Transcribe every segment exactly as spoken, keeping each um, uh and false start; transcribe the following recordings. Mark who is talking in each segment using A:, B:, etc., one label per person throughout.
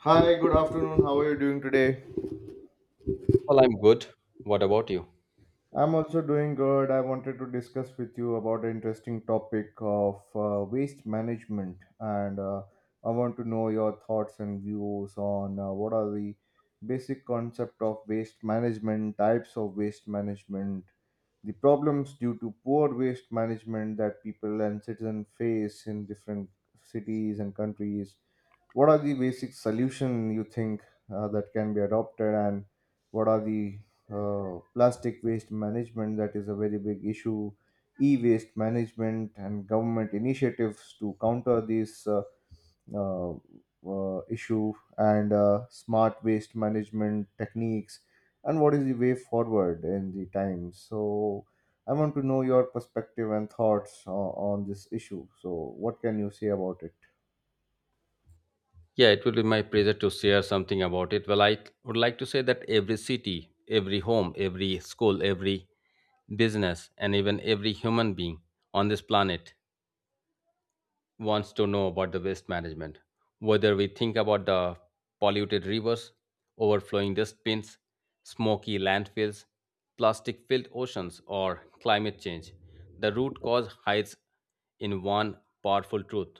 A: Hi, good afternoon. How are you doing today?
B: Well, I'm good. What about you?
A: I'm also doing good. I wanted to discuss with you about an interesting topic of uh, waste management, and uh, I want to know your thoughts and views on uh, what are the basic concept of waste management, types of waste management, the problems due to poor waste management that people and citizens face in different cities and countries, what are the basic solution you think uh, that can be adopted, and what are the uh, plastic waste management that is a very big issue, e-waste management and government initiatives to counter this uh, uh, uh, issue, and uh, smart waste management techniques, and what is the way forward in the time. So I want to know your perspective and thoughts uh, on this issue. So what can you say about it?
B: Yeah, it will be my pleasure to share something about it. Well, I would like to say that every city, every home, every school, every business, and even every human being on this planet wants to know about the waste management, whether we think about the polluted rivers, overflowing dustbins, smoky landfills, plastic filled oceans, or climate change. The root cause hides in one powerful truth: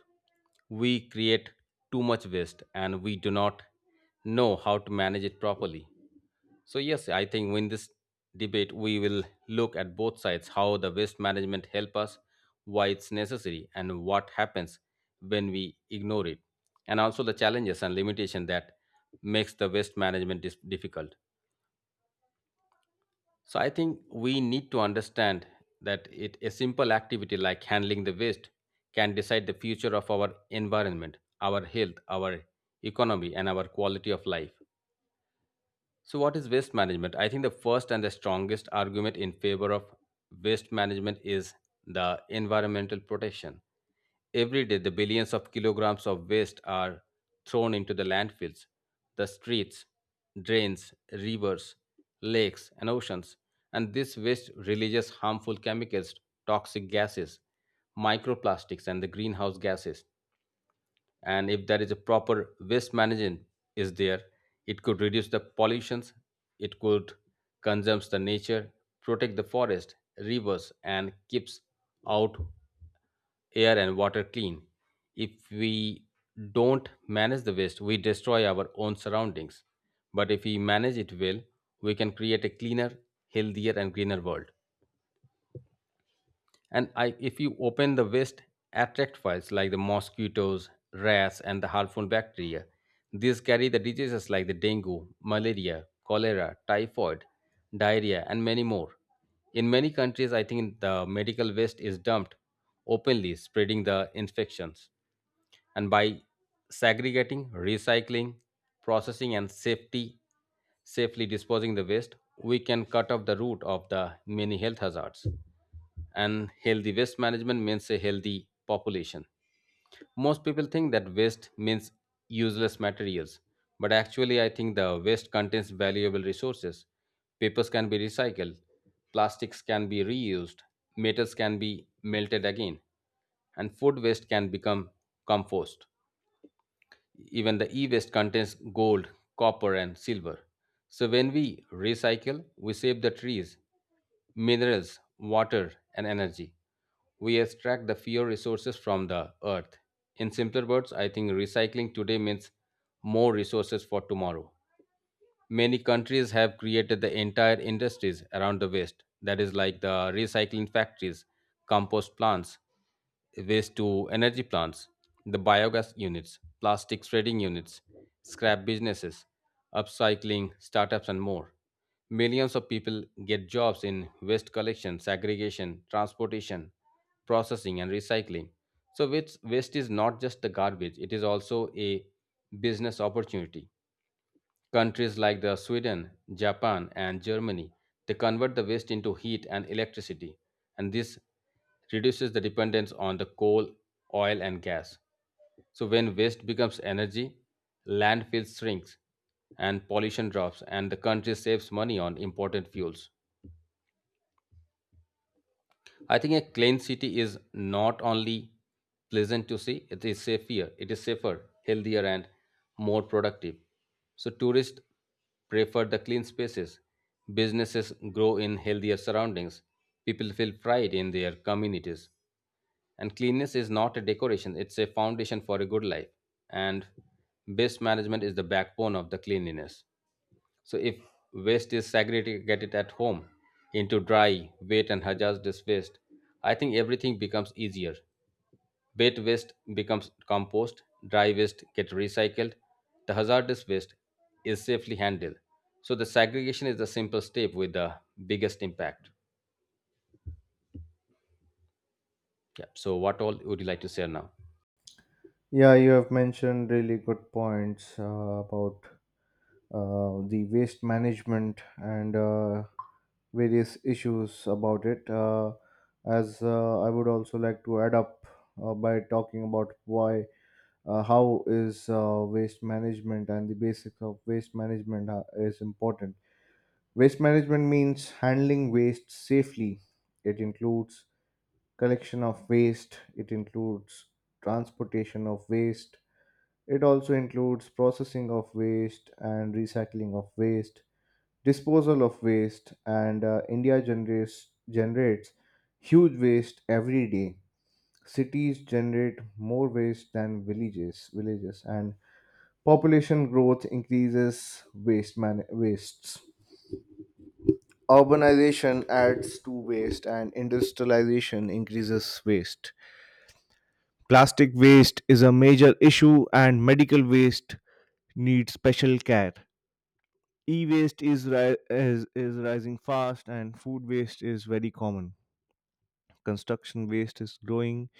B: we create too much waste and we do not know how to manage it properly. So, yes, I think in this debate, we will look at both sides: how the waste management help us, why it's necessary, and what happens when we ignore it, and also the challenges and limitation that makes the waste management dis- difficult. So, I think we need to understand that it, a simple activity like handling the waste can decide the future of our environment, our health, our economy, and our quality of life. So, what is waste management? I think the first and the strongest argument in favor of waste management is the environmental protection. Every day, the billions of kilograms of waste are thrown into the landfills, the streets, drains, rivers, lakes, and oceans. And this waste releases harmful chemicals, toxic gases, microplastics, and the greenhouse gases. And if there is a proper waste management is there, it could reduce the pollutions, it could conserve the nature, protect the forest rivers and keeps out air and water clean. If we don't manage the waste, we destroy our own surroundings, but if we manage it well, we can create a cleaner, healthier and greener world. And I, if you open the waste, attract files like the mosquitoes, rats and the harmful bacteria. These carry the diseases like the dengue, malaria, cholera, typhoid, diarrhea and many more. In many countries, I think the medical waste is dumped openly, spreading the infections. And by segregating, recycling, processing, and safety, safely disposing the waste, we can cut off the root of the many health hazards. And healthy waste management means a healthy population. Most people think that waste means useless materials, but actually, I think the waste contains valuable resources. Papers can be recycled, plastics can be reused, metals can be melted again, and food waste can become compost. Even the e-waste contains gold, copper and silver. So when we recycle, we save the trees, minerals, water and energy. We extract the fewer resources from the earth. In simpler words, I think recycling today means more resources for tomorrow. Many countries have created the entire industries around the waste, that is, like the recycling factories, compost plants, waste to energy plants, the biogas units, plastic shredding units, scrap businesses, upcycling startups, and more. Millions of people get jobs in waste collection, segregation, transportation, processing, and recycling. So, waste waste is not just the garbage, it is also a business opportunity. Countries like the Sweden, Japan, and Germany, they convert the waste into heat and electricity, and this reduces the dependence on the coal, oil, and gas. So when waste becomes energy, landfill shrinks and pollution drops, and the country saves money on important fuels. I think a clean city is not only pleasant to see, it is safer, it is safer, healthier, and more productive. So tourists prefer the clean spaces. Businesses grow in healthier surroundings. People feel pride in their communities. And cleanliness is not a decoration, it's a foundation for a good life. And waste management is the backbone of the cleanliness. So if waste is segregated at home into dry, wet, and hazardous waste, I think everything becomes easier. Wet waste becomes compost, dry waste get recycled, the hazardous waste is safely handled. So the segregation is the simple step with the biggest impact. Yeah. So what all would you like to share now?
A: Yeah, you have mentioned really good points uh, about uh, the waste management and uh, various issues about it. Uh, as uh, I would also like to add up uh, by talking about why, uh, how is uh, waste management and the basics of waste management are, is important. Waste management means handling waste safely. It includes collection of waste. It includes transportation of waste. It also includes processing of waste and recycling of waste, disposal of waste, and uh, India generates, generates huge waste every day. Cities generate more waste than villages, villages, and population growth increases waste man- wastes. Urbanization adds to waste, and industrialization increases waste. Plastic waste is a major issue, and medical waste needs special care. E-waste is, ri- is is rising fast, and food waste is very common. Construction waste is growing,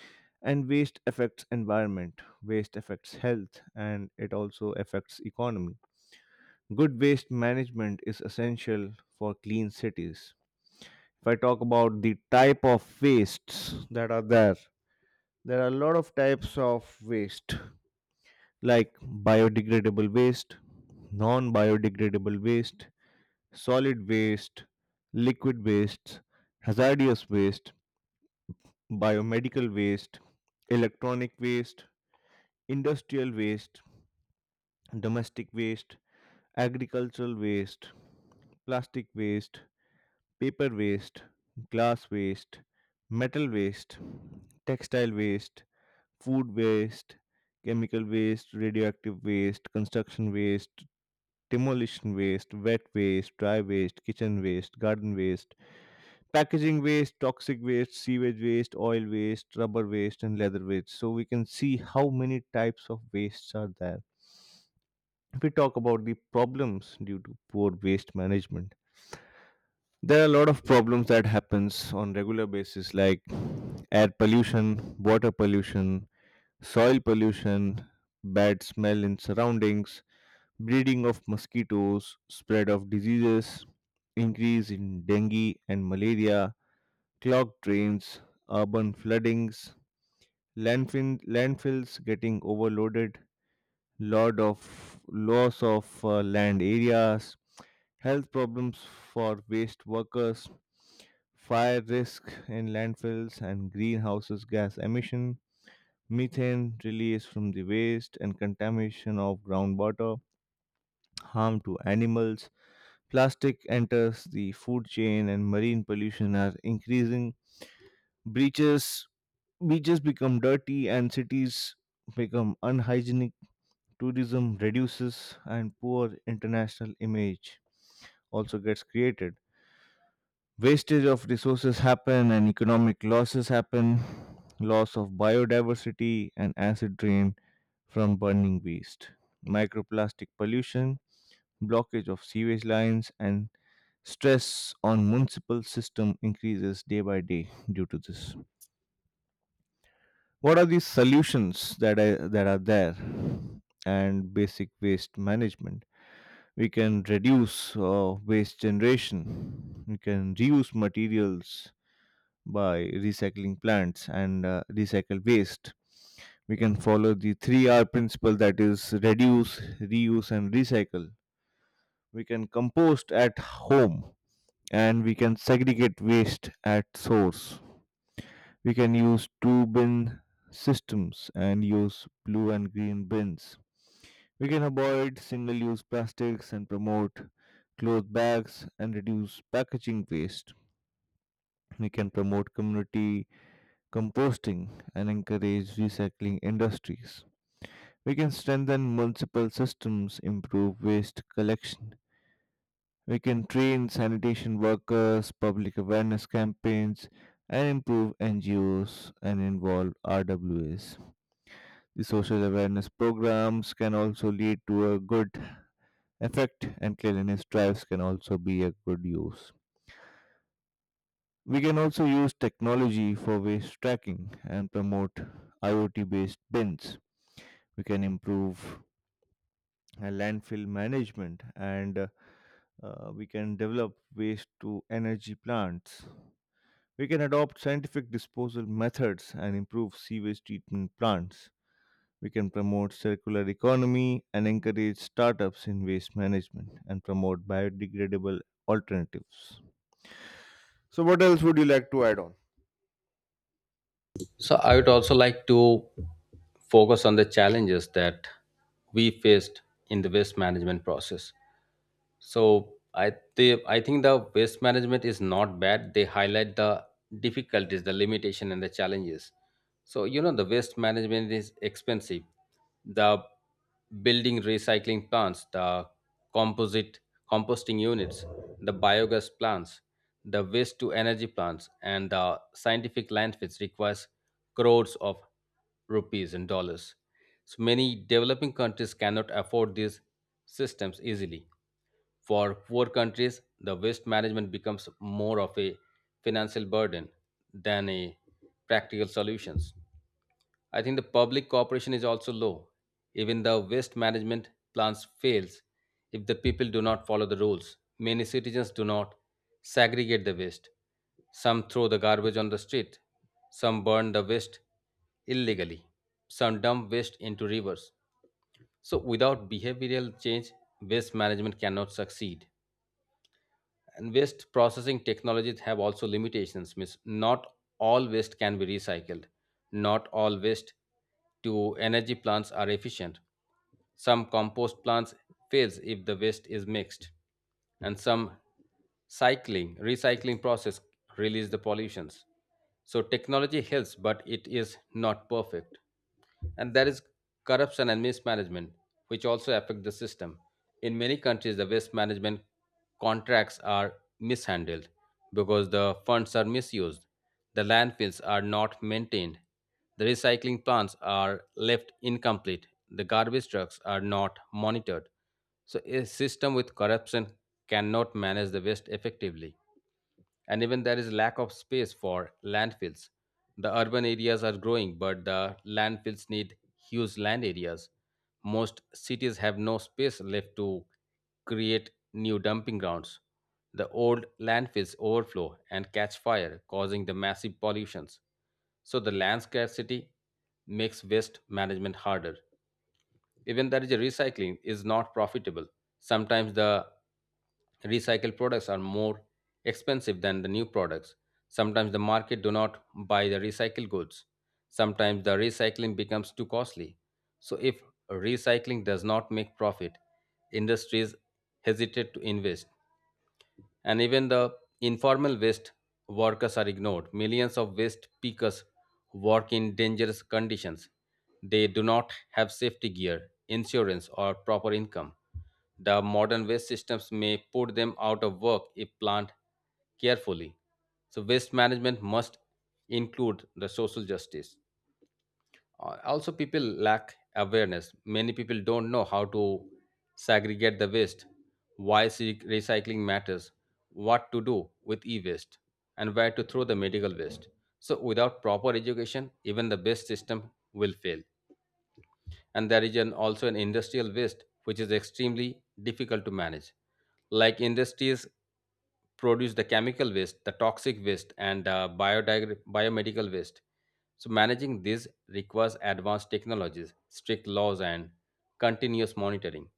A: and waste affects environment. Waste affects health, and it also affects economy. Good waste management is essential for clean cities. If I talk about the type of wastes that are there, there are a lot of types of waste, like biodegradable waste, non-biodegradable waste, solid waste, liquid waste, hazardous waste, biomedical waste, electronic waste, industrial waste, domestic waste, agricultural waste, plastic waste, paper waste, glass waste, metal waste, textile waste, food waste, chemical waste, radioactive waste, construction waste, demolition waste, wet waste, dry waste, kitchen waste, garden waste, packaging waste, toxic waste, sewage waste, oil waste, rubber waste, and leather waste. So we can see how many types of wastes are there. If we talk about the problems due to poor waste management, there are a lot of problems that happens on regular basis, like air pollution, water pollution, soil pollution, bad smell in surroundings, breeding of mosquitoes, spread of diseases, increase in dengue and malaria, clogged drains, urban floodings, landfill, landfills getting overloaded, lot of loss of uh, land areas, health problems for waste workers, fire risk in landfills and greenhouses gas emission, methane release from the waste and contamination of groundwater, harm to animals, plastic enters the food chain, and marine pollution are increasing. Breaches Beaches become dirty and cities become unhygienic. Tourism reduces and poor international image also gets created. Wastage of resources happen and economic losses happen. Loss of biodiversity and acid rain from burning waste. Microplastic pollution, blockage of sewage lines, and stress on municipal system increases day by day due to this. What are the solutions that are, that are there, and basic waste management? We can reduce uh, waste generation. We can reuse materials by recycling plants, and uh, recycle waste. We can follow the three R principle, that is, reduce, reuse, and recycle. We can compost at home, and we can segregate waste at source. We can use two bin systems and use blue and green bins. We can avoid single use plastics and promote cloth bags and reduce packaging waste. We can promote community composting and encourage recycling industries. We can strengthen municipal systems, improve waste collection. We can train sanitation workers, public awareness campaigns, and improve N G Os and involve R W As. The social awareness programs can also lead to a good effect, and cleanliness drives can also be a good use. We can also use technology for waste tracking and promote IoT based bins. We can improve uh, landfill management, and uh, uh, we can develop waste to energy plants. We can adopt scientific disposal methods and improve sewage treatment plants. We can promote circular economy and encourage startups in waste management and promote biodegradable alternatives. So, what else would you like to add on?
B: So I would also like to focus on the challenges that we faced in the waste management process. So I they, I think the waste management is not bad. They highlight the difficulties, the limitation, and the challenges. So you know the waste management is expensive. The building recycling plants, the composite composting units, the biogas plants, the waste to energy plants, and the scientific landfills requires crores of rupees and dollars. So many developing countries cannot afford these systems easily. For poor countries, the waste management becomes more of a financial burden than a practical solutions. I think the public cooperation is also low. Even the waste management plans fails if the people do not follow the rules. Many citizens do not segregate the waste. Some throw the garbage on the street. Some burn the waste illegally. Some dump waste into rivers. So without behavioral change, waste management cannot succeed. And waste processing technologies have also limitations, means not all waste can be recycled. Not all waste to energy plants are efficient. Some compost plants fails if the waste is mixed, and some cycling recycling process release the pollutions. So technology helps, but it is not perfect. And there is corruption and mismanagement, which also affect the system. In many countries, the waste management contracts are mishandled because the funds are misused, the landfills are not maintained, the recycling plants are left incomplete, the garbage trucks are not monitored. So, a system with corruption cannot manage the waste effectively, and even there is lack of space for landfills. The urban areas are growing, but the landfills need huge land areas. Most cities have no space left to create new dumping grounds. The old landfills overflow and catch fire, causing the massive pollutions. So the land scarcity makes waste management harder. Even that is a recycling is not profitable. Sometimes the recycled products are more expensive than the new products. Sometimes the market do not buy the recycled goods. Sometimes the recycling becomes too costly. So if recycling does not make profit, industries hesitate to invest. And even the informal waste workers are ignored. Millions of waste pickers work in dangerous conditions. They do not have safety gear, insurance, or proper income. The modern waste systems may put them out of work if planned carefully. So, waste management must include the social justice. Uh, also, people lack awareness. Many people don't know how to segregate the waste, why se- recycling matters, what to do with e-waste, and where to throw the medical waste. So without proper education, even the best system will fail. And there is an, also an industrial waste which is extremely difficult to manage. Like industries produce the chemical waste, the toxic waste and uh, biodig- biomedical waste. So managing this requires advanced technologies, strict laws and continuous monitoring.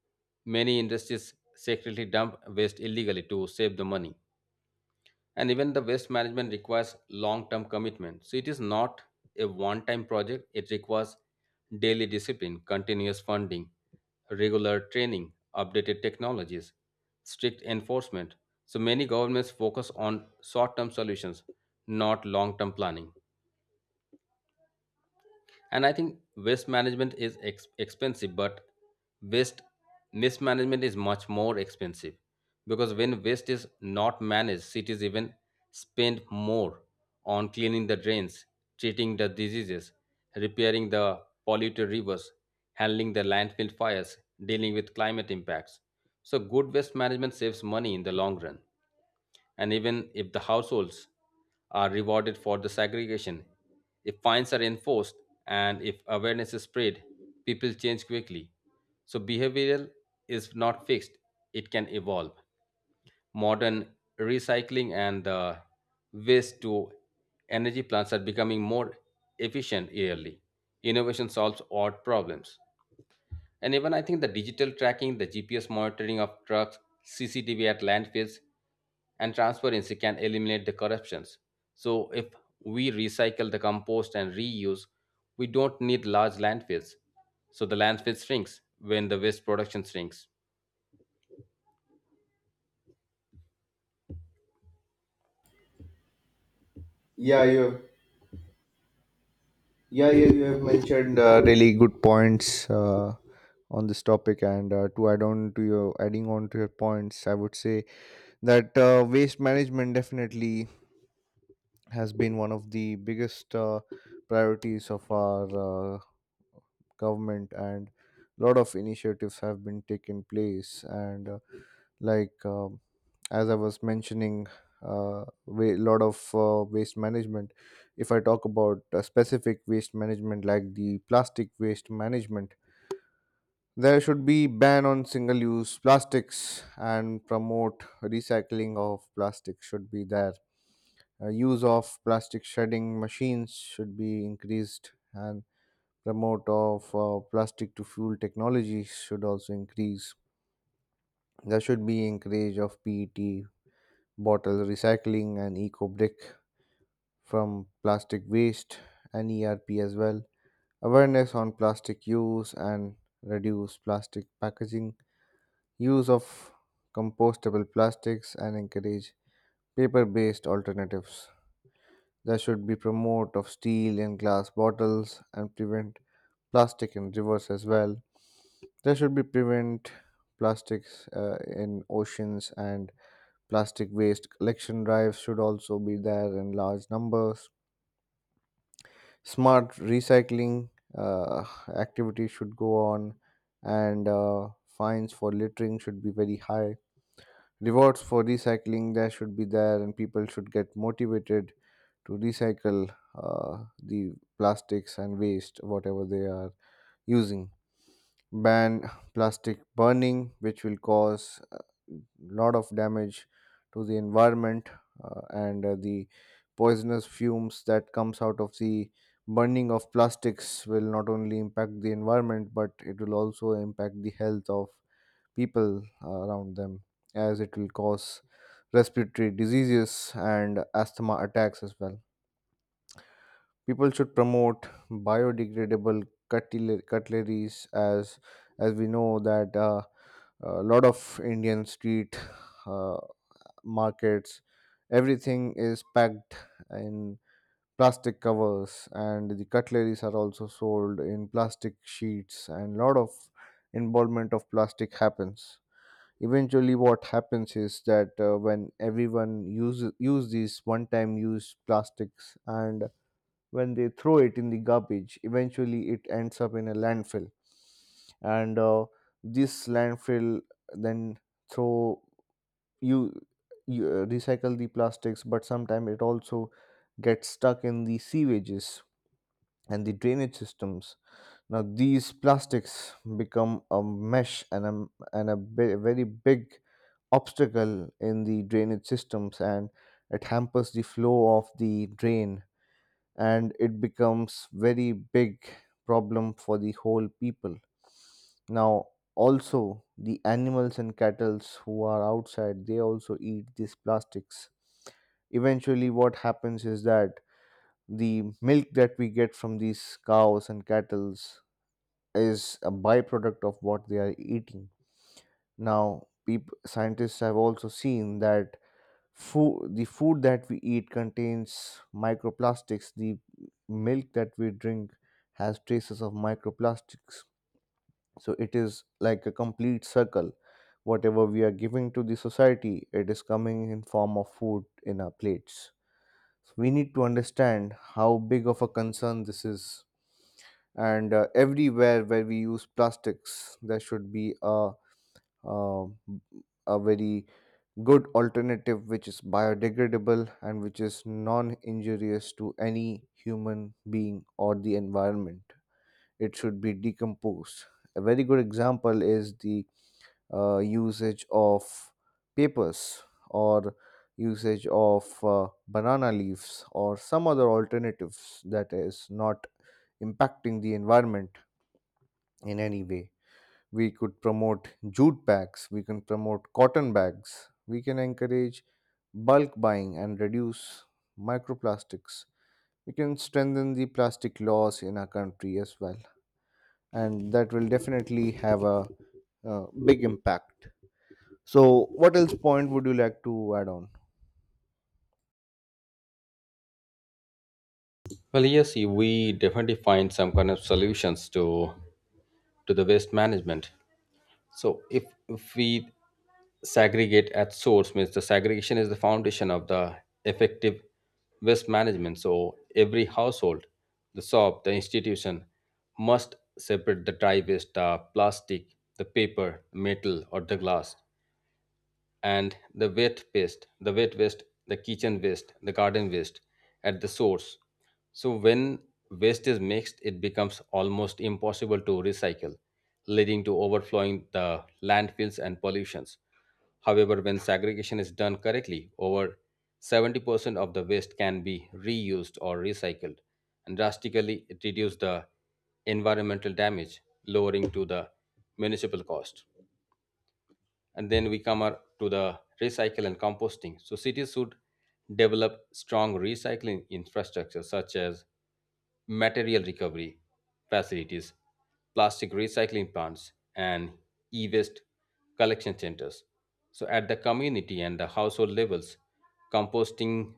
B: Many industries secretly dump waste illegally to save the money. And even the waste management requires long term commitment. So it is not a one time project. It requires daily discipline, continuous funding, regular training, updated technologies, strict enforcement. So many governments focus on short term solutions, not long term planning. And I think waste management is ex- expensive, but waste mismanagement is much more expensive. Because when waste is not managed, cities even spend more on cleaning the drains, treating the diseases, repairing the polluted rivers, handling the landfill fires, dealing with climate impacts. So good waste management saves money in the long run. And even if the households are rewarded for the segregation, if fines are enforced and if awareness is spread, people change quickly. So behavioral is not fixed, it can evolve. Modern recycling and the waste to energy plants are becoming more efficient yearly. Innovation solves odd problems. And even I think the digital tracking, the G P S monitoring of trucks, C C T V at landfills, and transparency can eliminate the corruptions. So if we recycle the compost and reuse, we don't need large landfills. So the landfill shrinks when the waste production shrinks.
A: Yeah, you have, yeah, yeah, you have mentioned uh, really good points uh, on this topic. And uh, to add on to your adding on to your points, I would say that uh, waste management definitely has been one of the biggest uh, priorities of our uh, government, and a lot of initiatives have been taken place, and uh, like um, as I was mentioning, a lot of uh, waste management. If I talk about a specific waste management like the plastic waste management, there should be ban on single use plastics, and promote recycling of plastic should be there. Uh, use of plastic shredding machines should be increased, and promote of uh, plastic to fuel technologies should also increase. There should be encourage of P E T bottle recycling and eco brick from plastic waste and E R P as well. Awareness on plastic use and reduce plastic packaging, use of compostable plastics and encourage paper-based alternatives. There should be promote of steel and glass bottles and prevent plastic in rivers as well. There should be prevent plastics uh, in oceans, and plastic waste collection drives should also be there in large numbers. Smart recycling uh, activities should go on, and uh, fines for littering should be very high. Rewards for recycling there should be there, and people should get motivated to recycle uh, the plastics and waste whatever they are using. Ban plastic burning, which will cause a lot of damage to the environment, uh, and uh, the poisonous fumes that comes out of the burning of plastics will not only impact the environment, but it will also impact the health of people uh, around them, as it will cause respiratory diseases and asthma attacks as well. People should promote biodegradable cutler- cutleries, as as we know that uh, a lot of indian street uh, markets, everything is packed in plastic covers, and the cutleries are also sold in plastic sheets, and lot of involvement of plastic happens. Eventually what happens is that uh, when everyone use use these one time use plastics, and when they throw it in the garbage, eventually it ends up in a landfill, and uh, this landfill then throw you, you uh, recycle the plastics, but sometimes it also gets stuck in the sewages and the drainage systems. Now these plastics become a mesh, and a, and a be- very big obstacle in the drainage systems, and it hampers the flow of the drain, and it becomes very big problem for the whole people. Now also the animals and cattles who are outside, they also eat these plastics. Eventually what happens is that the milk that we get from these cows and cattles is a byproduct of what they are eating. Now peop scientists have also seen that food the food that we eat contains microplastics, the milk that we drink has traces of microplastics. So it is like a complete circle. Whatever we are giving to the society, it is coming in form of food in our plates. So we need to understand how big of a concern this is. And uh, everywhere where we use plastics, there should be a, a, a very good alternative which is biodegradable and which is non injurious to any human being or the environment. It should be decomposed. A very good example is the uh, usage of papers or usage of uh, banana leaves or some other alternatives that is not impacting the environment in any way. We could promote jute bags, we can promote cotton bags, we can encourage bulk buying and reduce microplastics. We can strengthen the plastic laws in our country as well, and that will definitely have a uh, big impact. So, what else point would you like to add on?
B: Well, yes, we definitely find some kind of solutions to to the waste management. So if if we segregate at source means the segregation is the foundation of the effective waste management. So every household, the shop, the institution must separate the dry waste, the plastic, the paper, metal, or the glass and the wet waste, the wet waste, the kitchen waste, the garden waste at the source. So when waste is mixed, it becomes almost impossible to recycle, leading to overflowing the landfills and pollutions. However, when segregation is done correctly, over seventy percent of the waste can be reused or recycled, and drastically it reduces the environmental damage, lowering to the municipal cost. And then we come ar- to the recycle and composting. So cities should develop strong recycling infrastructure such as material recovery facilities, plastic recycling plants, and e-waste collection centers. So at the community and the household levels, composting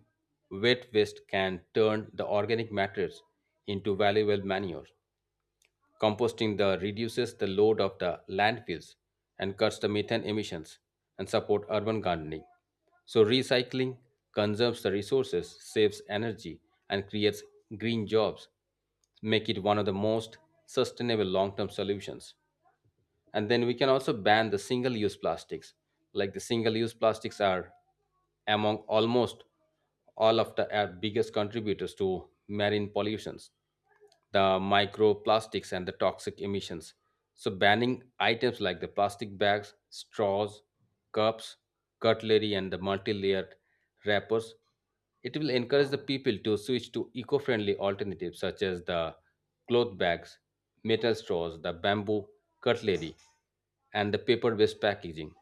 B: wet waste can turn the organic matters into valuable manure. Composting the reduces the load of the landfills and cuts the methane emissions and support urban gardening. So recycling conserves the resources, saves energy and creates green jobs, make it one of the most sustainable long-term solutions. And then we can also ban the single use plastics. Like the single use plastics are among almost all of the our biggest contributors to marine pollutions, the microplastics and the toxic emissions. So banning items like the plastic bags, straws, cups, cutlery and the multi-layered wrappers it will encourage the people to switch to eco friendly alternatives such as the cloth bags, metal straws, the bamboo cutlery, and the paper based packaging.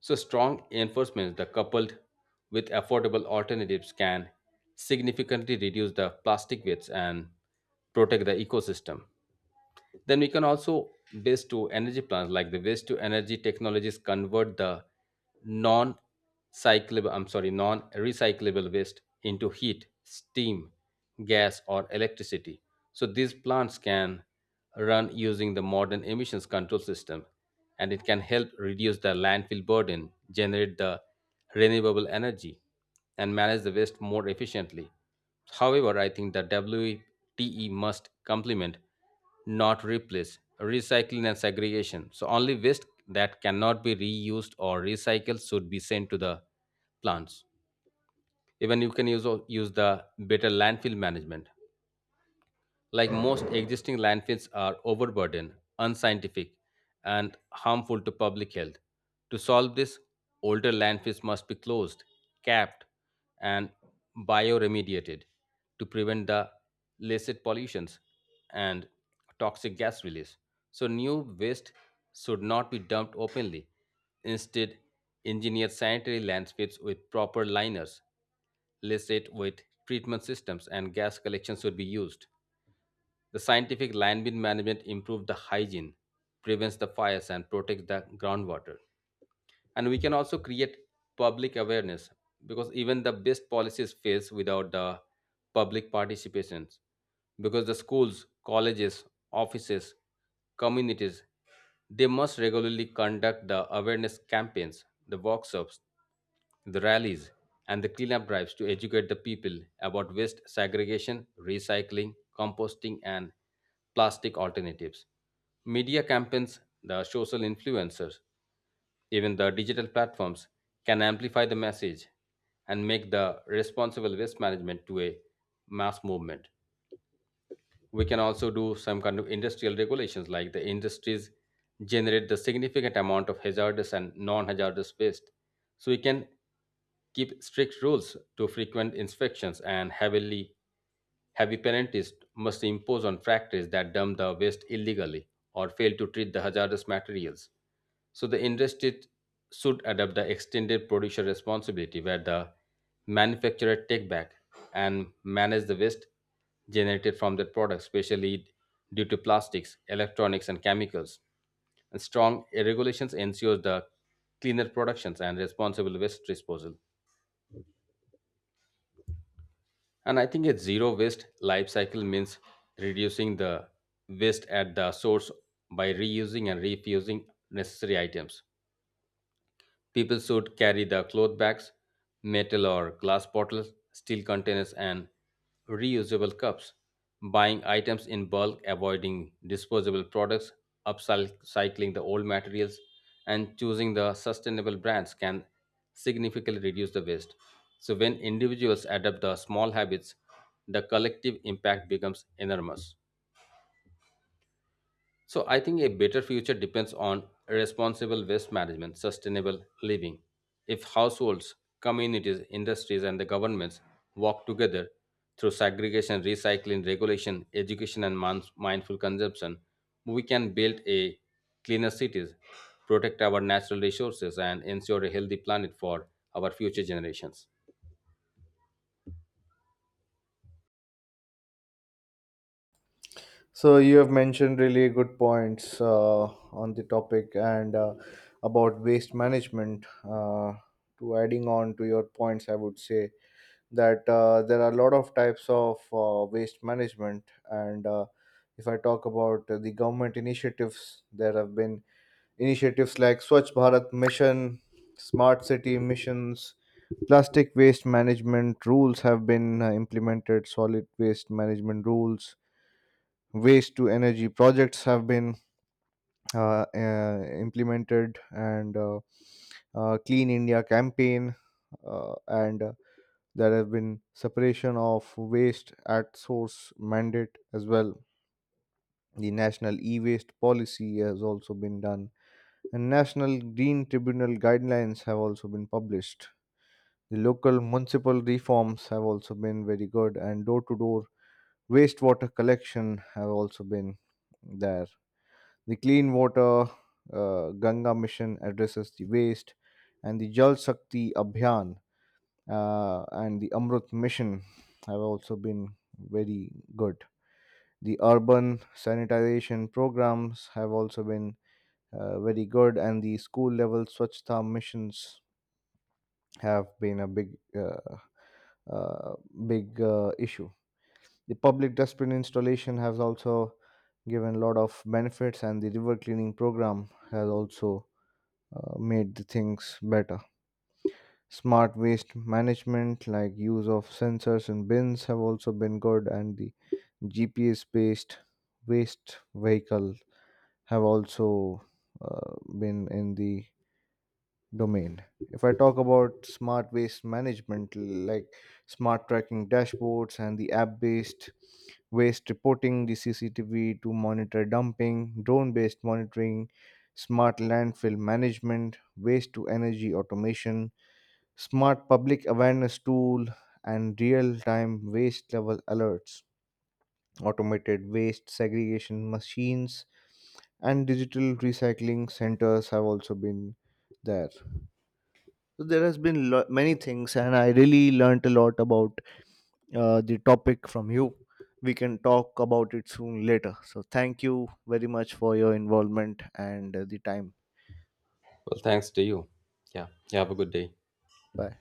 B: So, strong enforcement that coupled with affordable alternatives can significantly reduce the plastic waste and protect the ecosystem. Then we can also waste to energy plants like the waste to energy technologies convert the non cyclable I'm sorry non recyclable waste into heat, steam, gas or electricity. So these plants can run using the modern emissions control system and it can help reduce the landfill burden, generate the renewable energy and manage the waste more efficiently. However, I think the W T E must complement not replaced. Recycling and segregation. So only waste that cannot be reused or recycled should be sent to the plants. Even you can use use the better landfill management. Like most existing landfills are overburdened, unscientific, and harmful to public health. To solve this, older landfills must be closed, capped, and bioremediated to prevent the illicit pollutions and toxic gas release. So, new waste should not be dumped openly. Instead, engineer sanitary landfills with proper liners, licit with treatment systems, and gas collection should be used. The scientific line bin management improves the hygiene, prevents the fires, and protects the groundwater and we can also create public awareness because even the best policies fails without the public participations because the schools colleges offices communities they must regularly conduct the awareness campaigns the workshops the rallies and the cleanup drives to educate the people about waste segregation, recycling, composting, and plastic alternatives. Media campaigns, the social influencers, even the digital platforms can amplify the message and make the responsible waste management to a mass movement. We can also do some kind of industrial regulations like the industries generate the significant amount of hazardous and non-hazardous waste. So we can keep strict rules to frequent inspections and heavily heavy penalties must impose on factories that dump the waste illegally or fail to treat the hazardous materials. So the industry should adopt the extended producer responsibility where the manufacturer take back and manage the waste generated from their products, especially due to plastics, electronics, and chemicals. And strong regulations ensures the cleaner productions and responsible waste disposal. And I think a zero waste life cycle means reducing the waste at the source by reusing and refusing necessary items. People should carry the cloth bags, metal or glass bottles, steel containers, and reusable cups. Buying items in bulk, avoiding disposable products, upcycling the old materials, and choosing the sustainable brands can significantly reduce the waste. So, when individuals adopt the small habits, the collective impact becomes enormous. So I think a better future depends on responsible waste management, sustainable living. If households, communities, industries, and the governments work together through segregation, recycling, regulation, education, and mind- mindful consumption, we can build a cleaner cities, protect our natural resources, and ensure a healthy planet for our future generations.
A: So, you have mentioned really good points uh, on the topic and uh, about waste management. Uh, to adding on to your points, I would say that uh, there are a lot of types of uh, waste management, and uh, if I talk about uh, the government initiatives, there have been initiatives like Swachh Bharat Mission, Smart City Missions, plastic waste management rules have been uh, implemented, solid waste management rules, waste to energy projects have been uh, uh, implemented, and uh, uh, Clean India Campaign, uh, and uh, there have been separation of waste at source mandate as well. The National E-Waste Policy has also been done, and National Green Tribunal guidelines have also been published. The local municipal reforms have also been very good, and door-to-door wastewater collection have also been there. The clean water uh, Ganga Mission addresses the waste, and the Jal Shakti Abhiyan uh, and the Amrut Mission have also been very good. The urban sanitization programs have also been uh, very good, and the school level Swachhta missions have been a big, uh, uh, big uh, issue. The public dustbin installation has also given a lot of benefits, and the river cleaning program has also uh, made the things better. Smart waste management, like use of sensors in bins, have also been good, and the G P S based waste vehicle have also uh, been in the domain. If I talk about smart waste management, like smart tracking dashboards and the app based waste reporting, the C C T V to monitor dumping, drone based monitoring, smart landfill management, waste to energy automation, smart public awareness tool, and real-time waste level alerts, automated waste segregation machines and digital recycling centers have also been there. So there has been lo- many things, and I really learnt a lot about uh, the topic from you. We can talk about it soon later. So thank you very much for your involvement and uh, the time.
B: Well, thanks to you. Yeah, you have a good day.
A: Bye.